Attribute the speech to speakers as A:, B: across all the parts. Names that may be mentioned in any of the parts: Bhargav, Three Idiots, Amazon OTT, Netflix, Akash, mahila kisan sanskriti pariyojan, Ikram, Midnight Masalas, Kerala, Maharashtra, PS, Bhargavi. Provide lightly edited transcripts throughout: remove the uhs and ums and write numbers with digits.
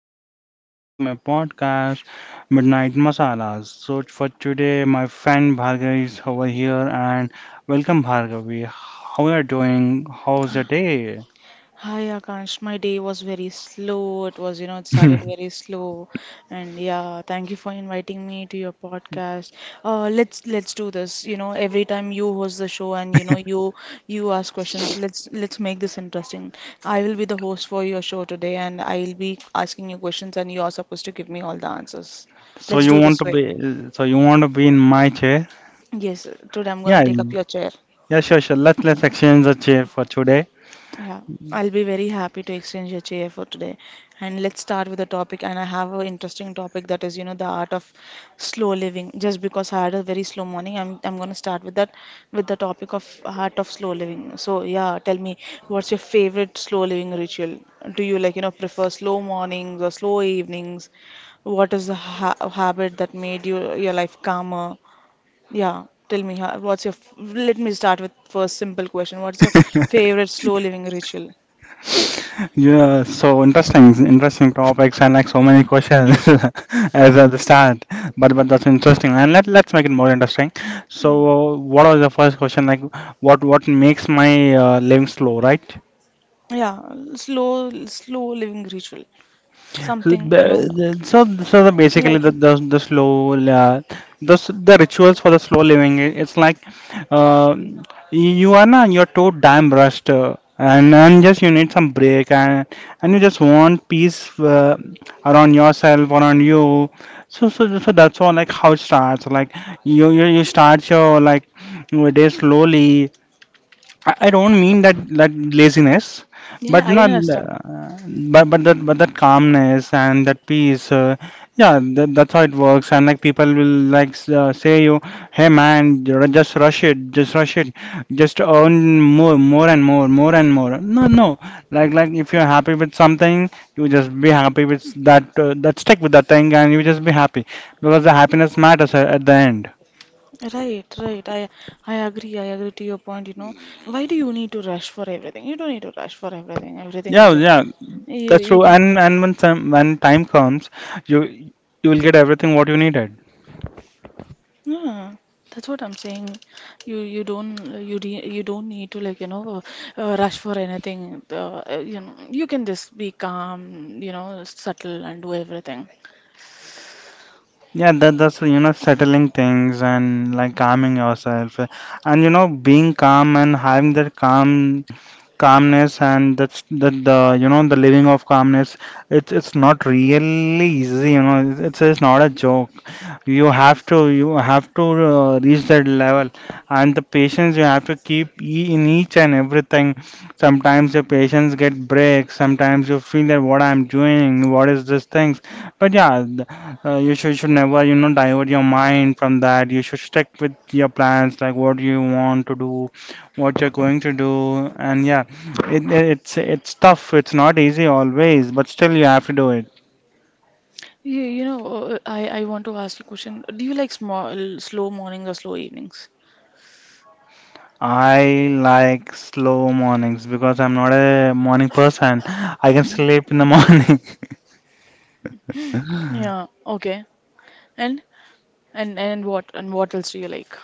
A: today and welcome to my podcast Midnight Masalas. So for today my friend Bhargav is over here and welcome Bhargavi. How are you doing? How's your day?
B: Hi Akash, my day was very slow. It was, you know, it started very slow. And yeah, thank you for inviting me to your podcast. Let's do this. You know, every time you host the show and you know you ask questions, let's make this interesting. I will be the host for your show today and I'll be asking you questions and you are supposed to give me all the answers.
A: So
B: Let's
A: you
B: do
A: want
B: this
A: to
B: way.
A: be in my chair?
B: Yes, today I'm gonna
A: Yeah,
B: take up your chair.
A: yeah, sure. Let's exchange the chair for today.
B: Yeah, I'll be very happy to exchange your chair for today. And let's start with the topic. And I have an interesting topic that is, you know, the art of slow living. Just because I had a very slow morning, I'm gonna start with that, with the topic of art of slow living. So yeah, tell me, what's your favorite slow living ritual? Do you like, you know, prefer slow mornings or slow evenings? What is the ha habit that made you your life calmer? Yeah, tell me, what's your, let me start with first simple question. What's your favorite slow living ritual?
A: Yeah, so interesting topics and like so many questions as at the start. But that's interesting, and let's make it more interesting.
B: Mm.
A: So, what was the first question? Like, what makes my living slow, right?
B: Yeah, slow living ritual.
A: So
B: Something, you know,
A: The- the- So, so, the, basically,
B: like,
A: the slow, uh, the, the rituals for the slow living, it's like uh, you are not, you're too damn rushed, and just you need some break, and you just want peace around yourself, around you. So that's all like how it starts. Like you start your like your day slowly. I don't mean that laziness,
B: yeah,
A: but
B: I
A: not,
B: understand.
A: uh, but that calmness and that peace. Yeah, that's how it works. And like people will like say you, hey man, just rush it, just rush it, just earn more, more and more, more and more. No, no. Like if you're happy with something, you just be happy with that. That stick with that thing, and you just be happy because the happiness matters at the end.
B: Right, right. I agree. I agree to your point, you know. Why do you need to rush for everything? You don't need to rush for everything. Everything is,
A: Yeah,
B: you know,
A: yeah. That's
B: you
A: true.
B: can.
A: And when time comes, you you will get everything what you needed.
B: Yeah, that's what I'm saying. You don't you don't need to, like, you know, rush for anything. You know you can just be calm, you know, subtle and do everything.
A: Yeah, that that's you know settling things and like calming yourself, and you know being calm and having that calmness and that's that the you know the living of calmness. It's not really easy. You know, it's not a joke. You have to reach that level, and the patience you have to keep in each and everything. Sometimes your patience get breaks, sometimes you feel that what I'm doing, what is this things, but yeah, you should never you know divert your mind from that. You should stick with your plans, like what you want to do, what you're going to do. And yeah, it's tough, it's not easy always, but still you have to do it.
B: You know, I want to ask you a question. Do you like small slow mornings or slow evenings?
A: I like slow mornings because I'm not a morning person. I can
B: Mhm.
A: sleep in the morning.
B: Yeah, okay. And and what and what else do you like?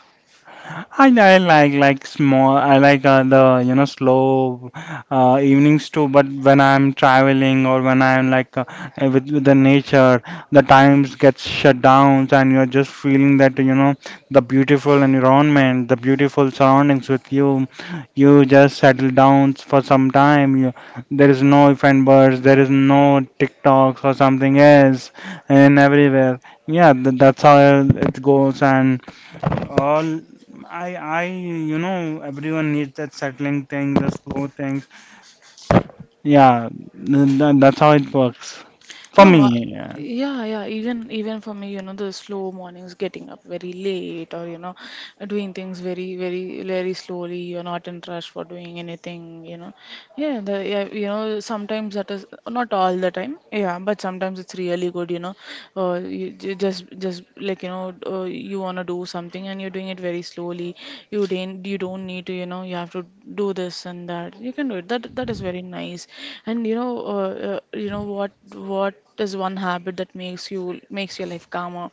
A: I like small. I like the you know slow evenings too. But when I'm traveling or when I'm like with the nature, the times get shut down, and you're just feeling that you know the beautiful environment, the beautiful surroundings with you. You just settle down for some time. There is no if and buts. There is no TikToks or something else, and everywhere. Yeah, that's how it goes, and all I I you know everyone needs that settling thing, the slow things. Yeah, that's how it works for
B: No,
A: me. Yeah.
B: Yeah, yeah. Even for me, you know, the slow mornings, getting up very late, or you know, doing things very, very, very slowly. You're not in rush for doing anything, you know. Yeah, the, yeah, you know, sometimes that is not all the time. Yeah, but sometimes it's really good, you know. You, just like, you know, you wanna do something and you're doing it very slowly. You don't need to, you know, you have to do this and that. You can do it. That that is very nice. And you know what is one habit that makes you makes your life calmer?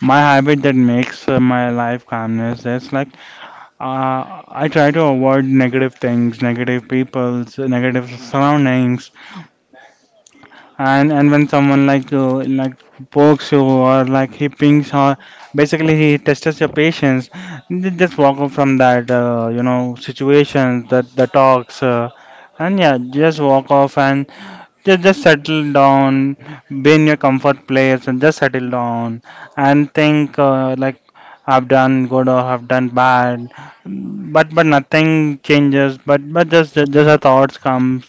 A: My habit that makes my life calmness is like I try to avoid negative things, negative people's, negative surroundings. And when someone like pokes you or like he pings or basically he tests your patience, you just walk off from that, you know, situation, that the talks, and yeah, just walk off and just settle down. Be in your comfort place and just settle down and think like I've done good or I've done bad, but nothing changes. But just the thoughts comes.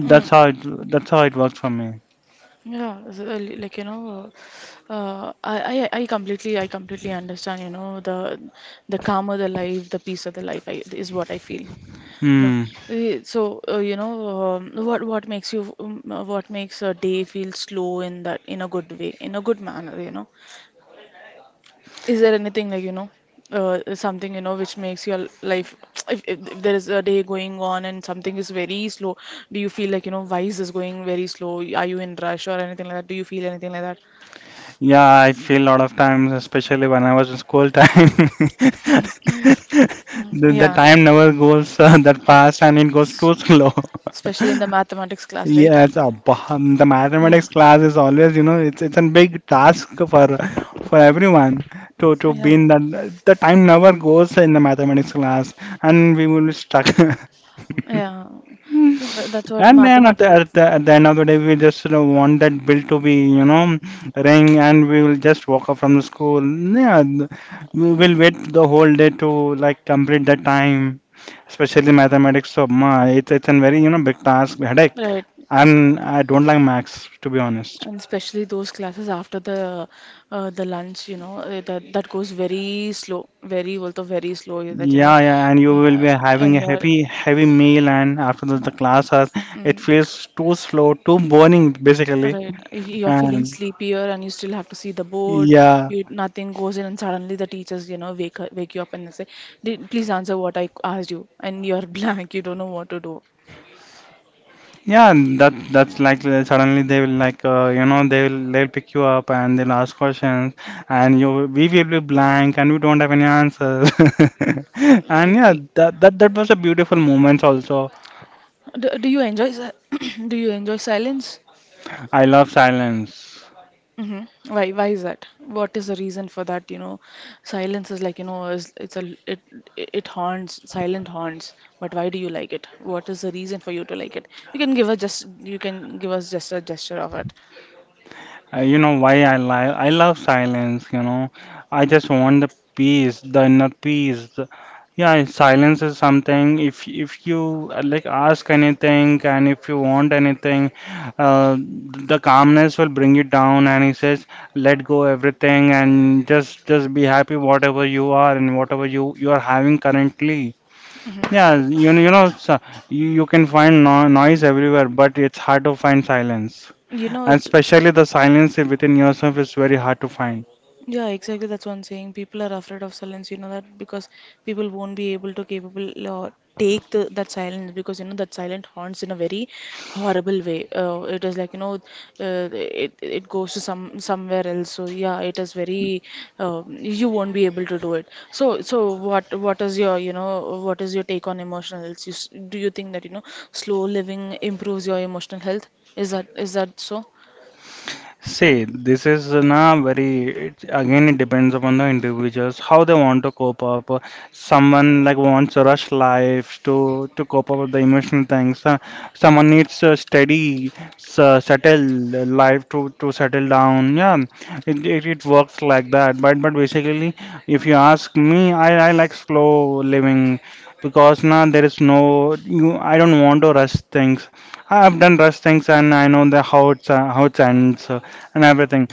B: Mm.
A: how it, that's how it works for me.
B: Yeah, like you know, I, I completely understand. You know, the calmer the life, the peace of the life is what I feel. You know,
A: Hmm.
B: You know, what makes you, what makes a day feel slow in that in a good way, in a good manner. You know, is there anything like, you know, something, you know, which makes your life, if there is a day going on and something is very slow, do you feel like, you know, why is this going very slow? Are you in rush or anything like that? Do you feel anything like that?
A: Yeah, I feel a lot of times, especially when I was in school time,
B: Mhm.
A: the
B: Yeah.
A: time never goes that fast
B: Mm.
A: and it goes
B: S-
A: too slow.
B: Especially in the mathematics class, right?
A: Yes, the
B: Yeah.
A: mathematics class is always, you know, it's a big task for everyone to be
B: Yeah.
A: in that. The time never goes in the mathematics class, and we will be stuck.
B: Yeah. So that's what
A: And then
B: mathematics.
A: at the end of the day, we just you know want that bill to be you know ring, and we will just walk off from the school. Yeah, we will
B: Mm.
A: wait the whole day to like complete that time, especially mathematics. It's a very you know big task headache,
B: Right,
A: and I don't like maths to be honest.
B: and especially those classes after the lunch, you know, that that goes very slow, very also very slow. That you know,
A: Yeah, yeah, and you will
B: yeah,
A: be having
B: and
A: a
B: you're,
A: heavy, heavy meal, and after that
B: mm,
A: the class has it
B: mm.
A: feels too slow, too boring basically,
B: Right. You're feeling
A: and
B: sleepier and you still have to see the board.
A: yeah.
B: You nothing goes in and suddenly the teachers, you know, wake you up and they say, "Did, please answer what I asked you." And you're blank. You don't know what to do.
A: Yeah, and that's like suddenly they will like you know they'll pick you up and they'll ask questions, and you we will be blank and we don't have any answers. And yeah,
B: Right.
A: that was a beautiful moment also.
B: Do you enjoy do you enjoy silence?
A: I love silence.
B: Hmm. Why is that? What is the reason for that? You know, silence is like, you know, it's a it it haunts, silent haunts. But why do you like it? What is the reason for you to like it? You can give us just a gesture of it.
A: You know why I lie? I love silence, you know. I just want the peace, the inner peace. Yeah, silence is something. If you like ask anything and if you want anything, uh, the calmness will bring you down. And he says, let go everything and just be happy whatever you are and whatever you are having currently.
B: Mm-hmm.
A: Yeah, you know, so you can find no noise everywhere, but it's hard to find silence,
B: You know,
A: and
B: it's
A: especially the silence within yourself is very hard to find.
B: yeah, exactly. That's what I'm saying. People are afraid of silence. You know that because people won't be able to capable or take the, that silence because you know that silent haunts in a very horrible way. It is like you know, it it goes to somewhere else. So yeah, it is very you won't be able to do it. So so what is your you know what is your take on emotional health? Do you think that you know slow living improves your emotional health? Is that so?
A: See, this is na very, it, again it depends upon the individuals how they want to cope up. Someone like wants a rush life to cope up with the emotional things. Someone needs a steady, settled life to settle down. Yeah, it it works like that. But basically, if you ask me, I like slow living because now there is no you, I don't want to rush things. I've done rush things and I know the how it's how it ends and everything.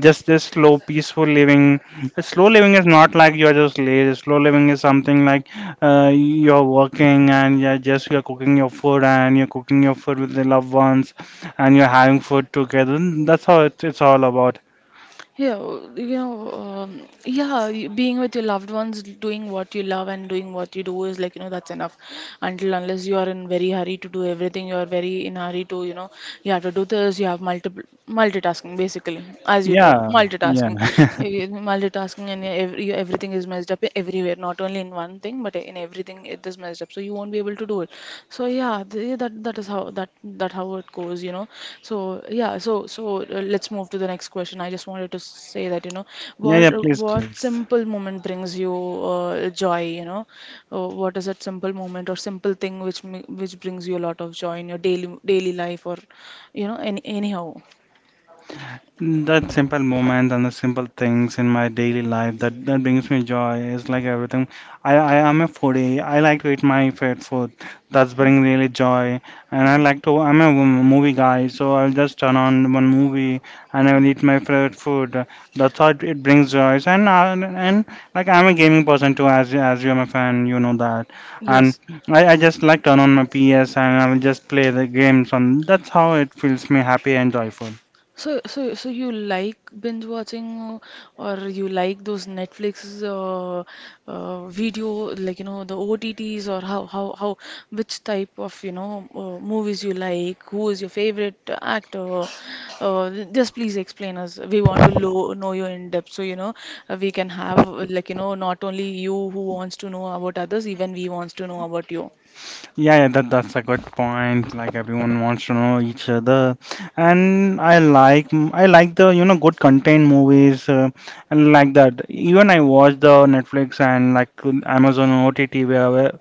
A: Just this slow, peaceful living. Slow living is not like you're just lazy. Slow living is something like you're working and you're cooking your food and you're cooking your food with the loved ones and you're having food together. That's how it's all about.
B: Yeah, you know, yeah, being with your loved ones, doing what you love and doing what you do is like, you know, that's enough. Until unless you are in very hurry to do everything, you are very in hurry to, you know, you have to do this, you have multiple multitasking basically, as you told,
A: Yeah, yeah,
B: multitasking. Multitasking, and everything is messed up everywhere, not only in one thing, but in everything it is messed up. So you won't be able to do it. So yeah, yeah, that is how that how it goes, you know. So yeah, let's move to the next question. I just wanted to say that, you know,
A: yeah, yeah. Please,
B: what
A: please.
B: simple moment brings you joy, you know? What is that simple moment or simple thing which which brings you a lot of joy in your daily life or, you know, any anyhow.
A: That simple moment and the simple things in my daily life that, that brings me joy is like everything. I am a foodie. I like to eat my favorite food. That's bring really joy. And I like to, I'm a movie guy, so I'll just turn on one movie and I'll eat my favorite food. That's how it brings joy. And, like I'm a gaming person too, as you're my fan, you know that. And
B: Yes.
A: I just like turn on my PS and I'll just play the games on. That's how it feels me happy and joyful.
B: So, you like binge watching, or you like those Netflix video, like you know the OTTs, or how which type of you know movies you like? Who is your favorite actor? Just please explain us. We want to lo know you in depth, so you know we can have, like you know, not only you who wants to know about others, even we wants to know about you.
A: Yeah, yeah, that that's a good point. Like everyone wants to know each other, and I like the you know good content movies and like that. Even I watch the Netflix and like Amazon OTT, where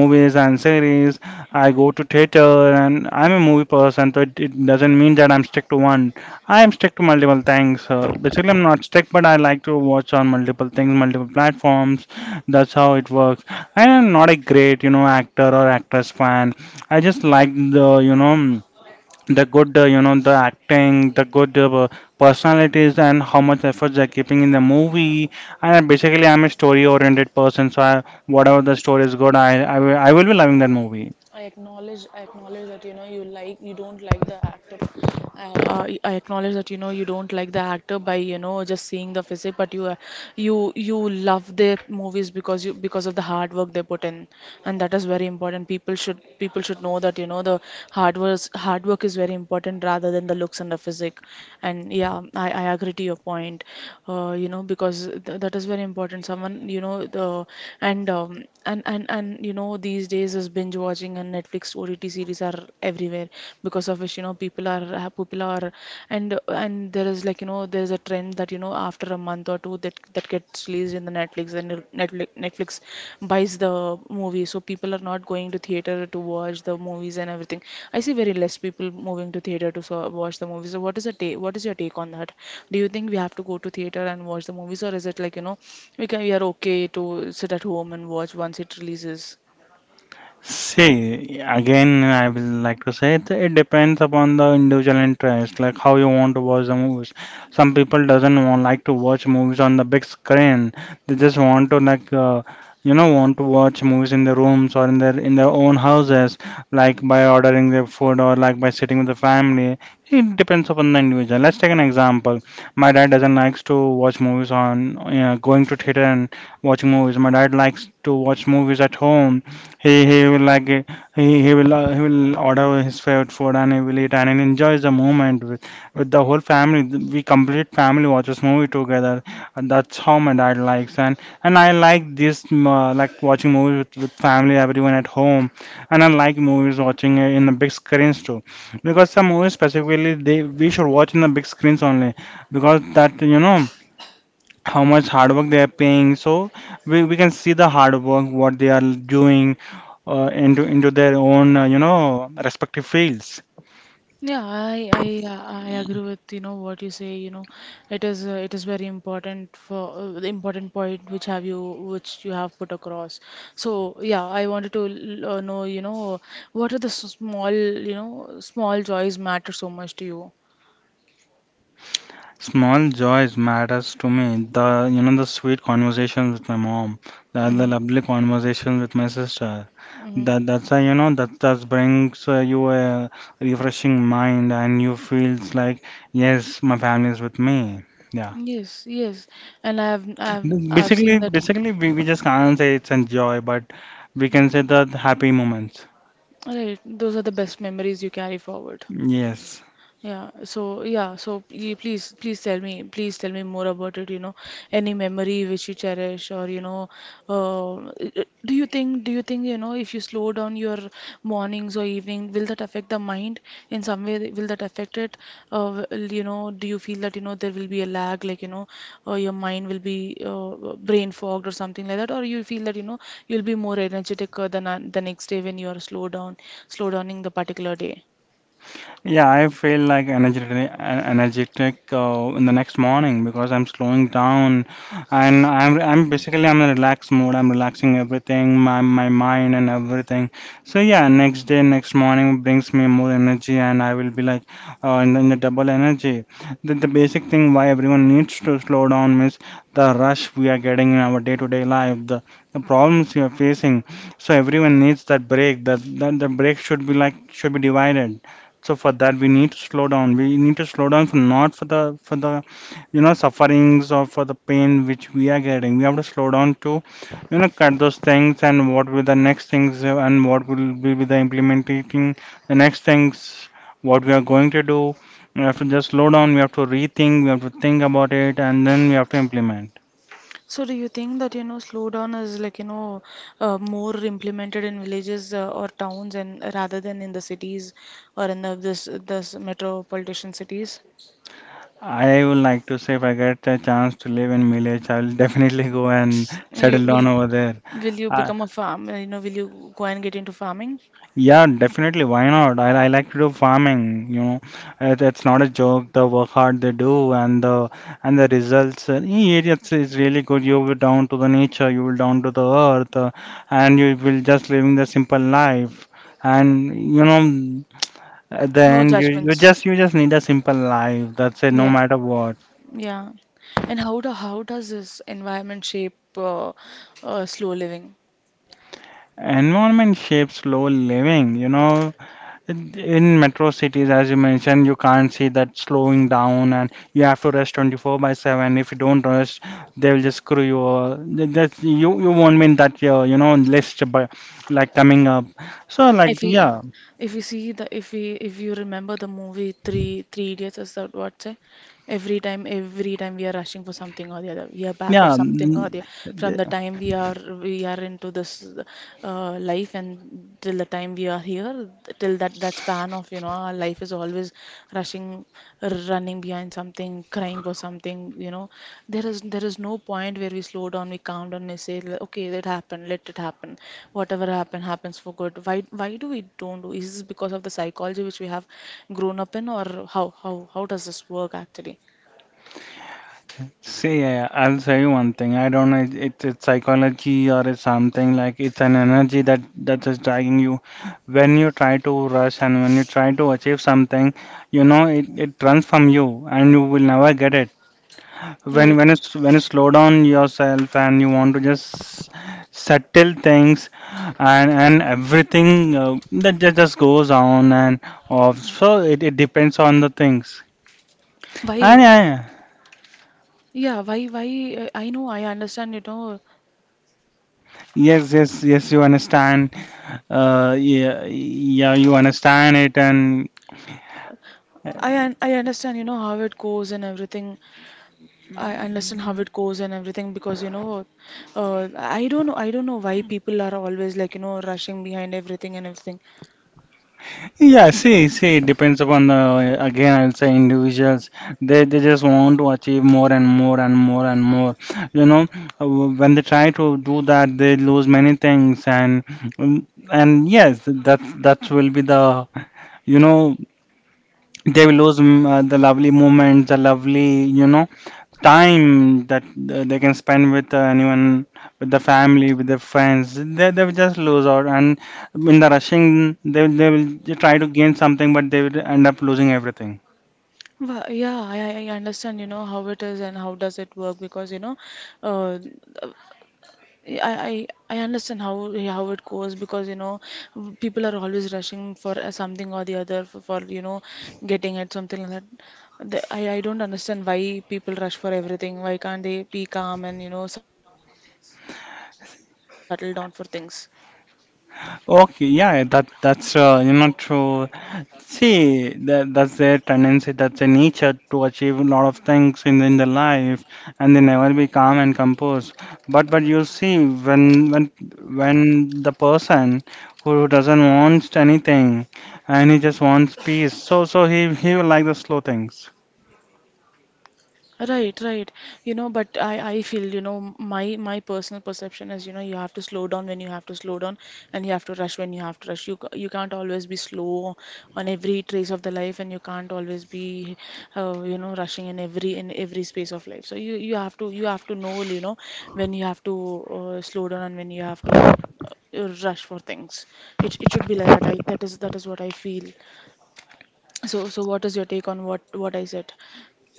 A: movies and series. I go to theater and I'm a movie person, so it doesn't mean that I'm stick to one. I am stick to multiple things. Basically, I'm not stick, but I like to watch on multiple things, multiple platforms. That's how it works. I am not a great, you know, actor or actress fan. I just like the, you know, the good, you know, the acting, the good personalities, and how much effort they're keeping in the movie. And basically, I'm a story-oriented person, so whatever the story is good, I will be loving that movie.
B: I acknowledge that you know you you don't like the actor. I acknowledge that you know you don't like the actor by you know just seeing the physique, but you love their movies because you because of the hard work they put in, and that is very important. People should know that you know the hard work hard work is very important rather than the looks and the physique. And yeah, I agree to your point. You know because th that is very important. Someone you know the and you know these days is binge watching and Netflix OTT series are everywhere because of which you know people are people are and there is like you know there is a trend that you know after a month or two that that gets released in the Netflix and Netflix buys the movie, so people are not going to theater to watch the movies and everything. I see very less people moving to theater to so watch the movies. So what is a what is your take on that? Do you think we have to go to theater and watch the movies, or is it like you know we can we are okay to sit at home and watch once it releases?
A: See, again, I will like to say it depends upon the individual interest, like how you want to watch the movies. Some people doesn't want like to watch movies on the big screen. They just want to like you know want to watch movies in their rooms or in their own houses, like by ordering their food or like by sitting with the family. It depends upon the individual. Let's take an example. My dad doesn't likes to watch movies on you know, going to theater and watching movies. My dad likes to watch movies at home. He will like he will order his favorite food and he will eat and he enjoys the moment with the whole family. We complete family watches movie together. And that's how my dad likes, and I like this like watching movies with family, everyone at home. And I like movies watching in the big screens too, because some movies specifically they we should watch in the big screens only because that, how much hard work they are paying. So we can see the hard work what they are doing into their own respective fields.
B: Yeah, I I agree with you know what you say. You know, it is very important for the important point which have you which you have put across. So yeah, I wanted to know you know what are the small you know small joys matter so much to you.
A: Small joys matters to me. The you know The sweet conversations with my mom, the
B: Mm-hmm.
A: lovely conversations with my sister.
B: Mhm.
A: That that's a, you know that that brings you a refreshing mind, and you feels like yes, my family is with me. Yeah.
B: Yes, yes, and I've I've seen
A: Basically,
B: that in
A: basically we just can't say it's enjoy, but we can say the happy moments.
B: right. Those are the best memories you carry forward.
A: Yes.
B: Yeah, so yeah, so please, please tell me more about it, you know, any memory which you cherish or, you know, uh, do you think, you know, if you slow down your mornings or evening, will that affect the mind in some way? Will that affect it? Will, you know, do you feel that, you know, there will be a lag, like, you know, your mind will be brain fogged or something like that, or you feel that, you know, you'll be more energetic than the next day when you are slow down, slow downing the particular day?
A: Yeah, I feel like energetic in the next morning, because I'm slowing down, and I'm basically I'm in a relaxed mode. I'm relaxing everything, my mind and everything. So yeah, next day, next morning brings me more energy, and I will be like in the double energy. The basic thing why everyone needs to slow down is the rush we are getting in our day-to-day life, the problems we are facing. So everyone needs that break. That that The break should be like should be divided, so for that, we need to slow down. We need to slow down for not for the for the you know sufferings or for the pain which we are getting. We have to slow down to you know cut those things and what will the next things and what will be with the implementing the next things what we are going to do. We have to just slow down. We have to rethink. We have to think about it, and then we have to implement.
B: So do you think that you know slowdown is like you know more implemented in villages or towns and rather than in the cities or in the this this metropolitan cities?
A: I would like to say, if I get a chance to live in village, I'll definitely go and
B: You
A: settle down over there.
B: will you
A: Uh,
B: become a farm? You know, will you go and get into farming?
A: Yeah, definitely. Why not? I like to do farming, you know. It's not a joke. The work hard they do and the results. Yeah, it's really good. You will down to the nature. You will down to the earth, and you will just living the simple life. And you know, at the
B: No
A: end, you you
B: judgments.
A: just you just need a simple life. That's it. No
B: Yeah,
A: matter what.
B: yeah. And how does this environment shape slow living?
A: Environment shapes slow living. You know, in metro cities, as you mentioned, you can't see that slowing down, and you have to rest 24 by 7. If you don't rest, they will just screw you. That's, you won't win that, list by, like coming up. So, like,
B: If we,
A: yeah,
B: if you see the, if we, if you remember the movie Three Idiots, is that what say? Every time we are rushing for something or the other, we are back of
A: yeah.
B: something or the from the time we are into this life and till the time we are here till that span of
A: See, I'll say one thing. I don't know. It's psychology or it's something like it's an energy that that is dragging you. When you try to rush and when you try to achieve something, you know it it runs from you, and you will never get it. When you slow down yourself and you want to just settle things and everything uh, that just goes on and off. So it depends on the things. And yeah, yeah. Yes, yes, yes. You understand. Yeah, yeah, you understand it, and yeah, see, it depends upon the, again, I'll say, individuals. They just want to achieve more and more and more and more. You know, Uh, when they try to do that, they lose many things, and yes, that will be the you know they will lose the lovely moment, the lovely, you know, time that they can spend with anyone, with the family, with their friends. They will just lose out, and in the rushing, they will try to gain something, but they will end up losing everything. Okay, yeah, that's you know, true. See, that's their tendency, that's their nature to achieve a lot of things in their life, and they never be calm and composed. But you see, when the person who doesn't want anything, and he just wants peace, so he will like the slow things.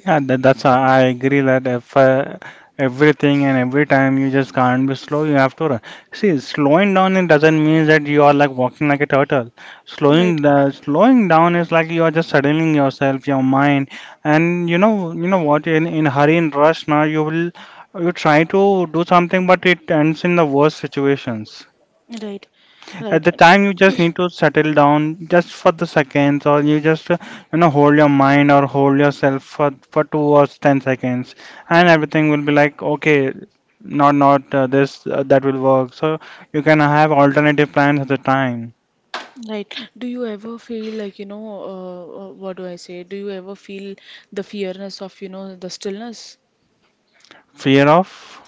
A: Yeah, that, that's I agree that if everything and every time you just can't be slow, you have to run. See, slowing down it doesn't mean that you are like walking like a turtle. Slowing the slowing down is like you are just settling yourself, your mind, and you know what in hurry and rush now you will you try to do something, but it ends in the worst situations. At the time, you just need to settle down just for the seconds, or you just, you know, hold your mind or hold yourself for 2 or 10 seconds, and everything will be like, okay, not not this that will work. So you can have alternative plans at the time. Fear of?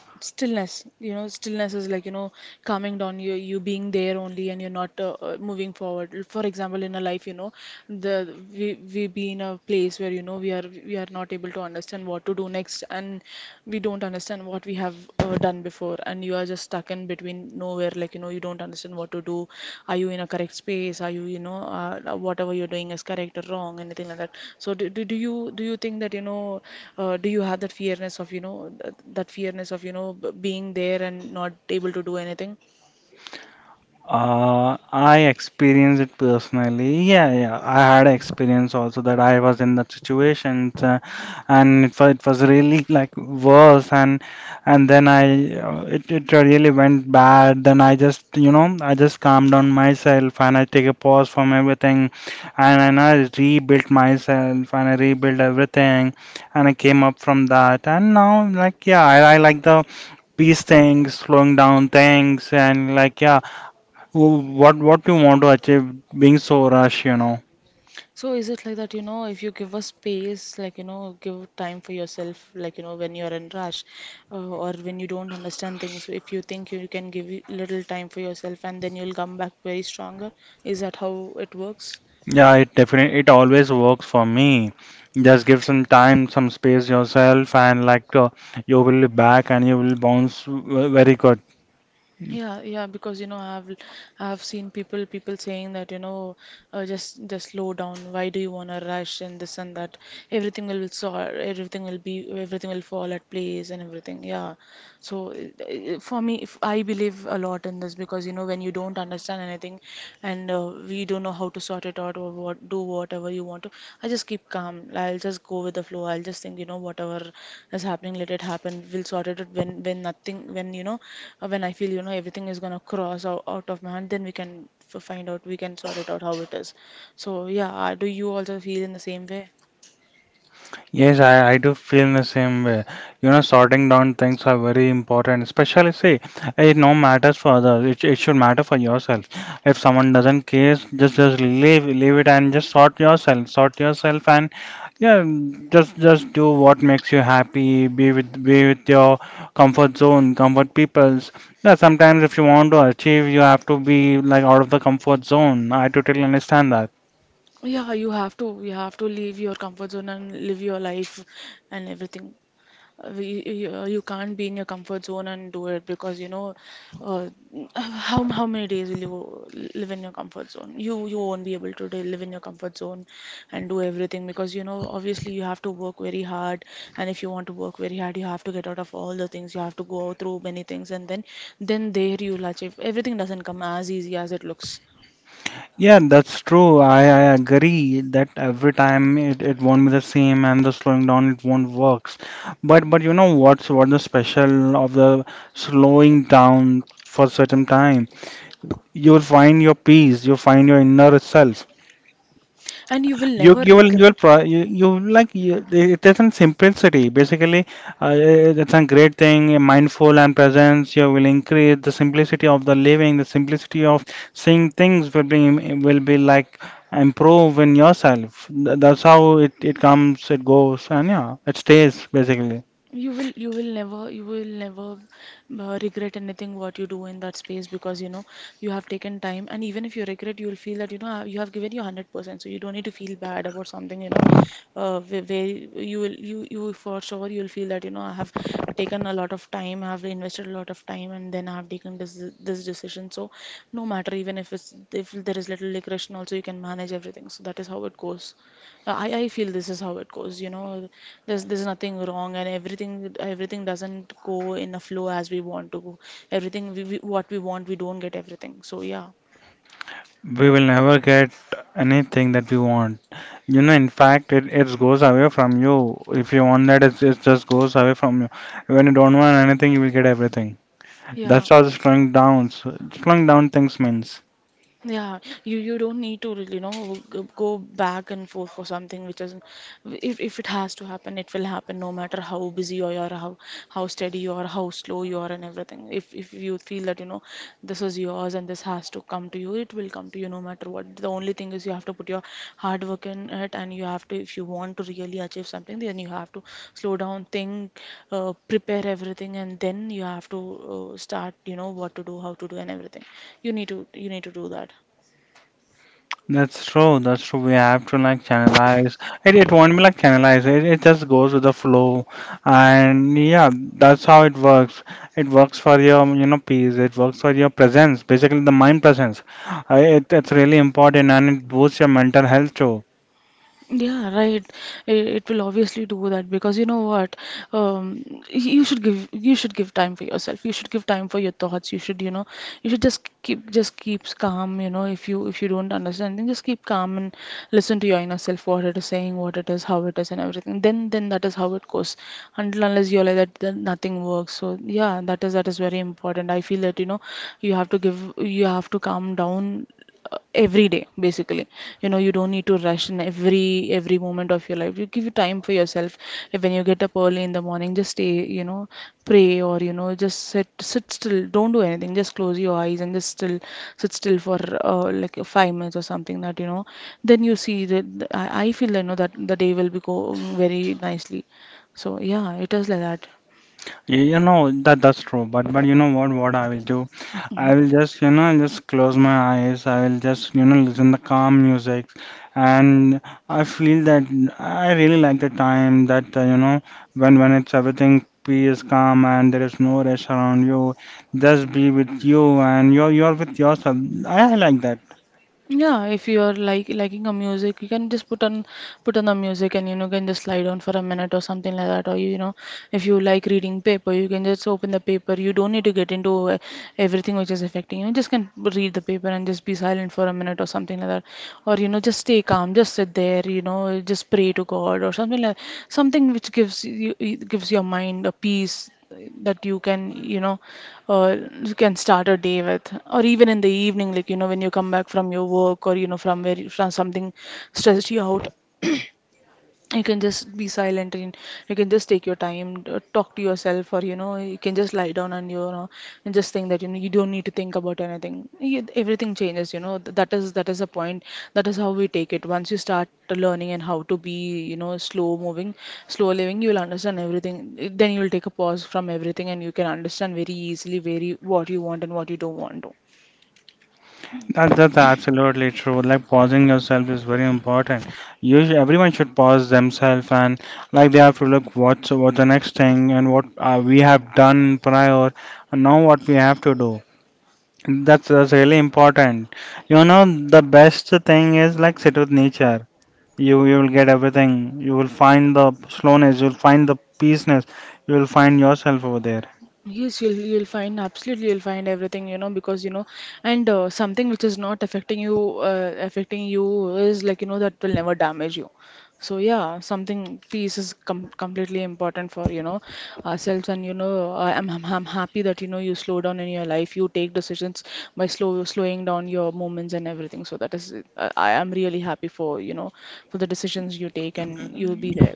A: I experienced it personally. Yeah, yeah. I had experience also that I was in that situation, and it was really like worse, and then I it it really went bad. Then I just you know I just calmed down myself and I take a pause from everything, and I rebuilt myself and I rebuilt everything, and I came up from that. And now like yeah, I like the peace things, slowing down things, and like yeah. What you want to achieve being so rush, you know? Yeah, it definitely it always works for me. Just give some time, some space yourself, and like you will be back and you will bounce w- very good. Yes, I do feel the same way. You know, sorting down things are very important, especially, see, it no matters for others. It should matter for yourself. If someone doesn't care, just leave it and just sort yourself. Sort yourself and yeah, just do what makes you happy. Be with your comfort zone, comfort peoples. Yeah, sometimes if you want to achieve, you have to be like out of the comfort zone. I totally understand that. Yeah, that's true. I agree that every time it, it won't be the same and the slowing down it won't works. But you know what's what the special of the slowing down for certain time? You'll find your peace, you'll find your inner self. You will like you, it is in simplicity, basically uh, it's a great thing, mindful and presence, you will increase the simplicity of the living, the simplicity of seeing things will be like improve in yourself. That's how it, it comes it goes and yeah it stays. Basically, we will never get anything that we want, you know, in fact it, it goes away from you, if you want that it just goes away from you. When you don't want anything, you will get everything. That's how the slowing down, so- slowing down things means. That's true. That's true. We have to like channelize. It won't be like channelize. It just goes with the flow, and yeah, that's how it works. It works for your you know peace. It works for your presence. Basically, the mind presence. It, it's really important, and it boosts your mental health too. You know that, that's true, but you know what I will do? I will just you know I'll just close my eyes. I will just you know listen the calm music, and I feel that I really like the time that you know when it's everything peace, calm, and there is no rush around you. Just be with you, and you're with yourself. I like that. That's absolutely true. Like pausing yourself is very important. Everyone should pause themselves and like they have to look what's the next thing and what we have done prior and now what we have to do. That's really important. You know the best thing is like sit with nature. You will get everything. You will find the slowness. You will find the peaceness. You will find yourself over there.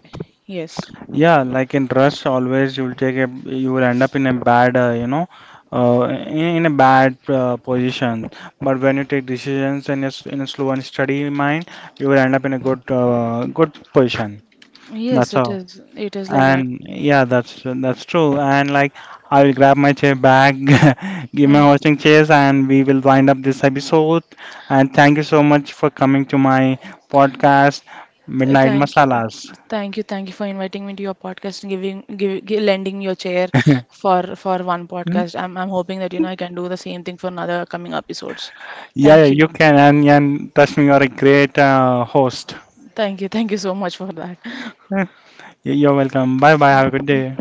A: Yeah, like in rush, always you'll take a you will end up in a bad, in a bad position. But when you take decisions in a slow and steady mind, you will end up in a good good position. That's how. And yeah, that's true. And like I will grab my chair back, give my hosting chairs, and we will wind up this episode. And thank you so much for coming to my podcast, Midnight Masalas. Yeah, yeah, you can. And trust me, you are a great host. Eh, You're welcome. Bye bye. Have a good day.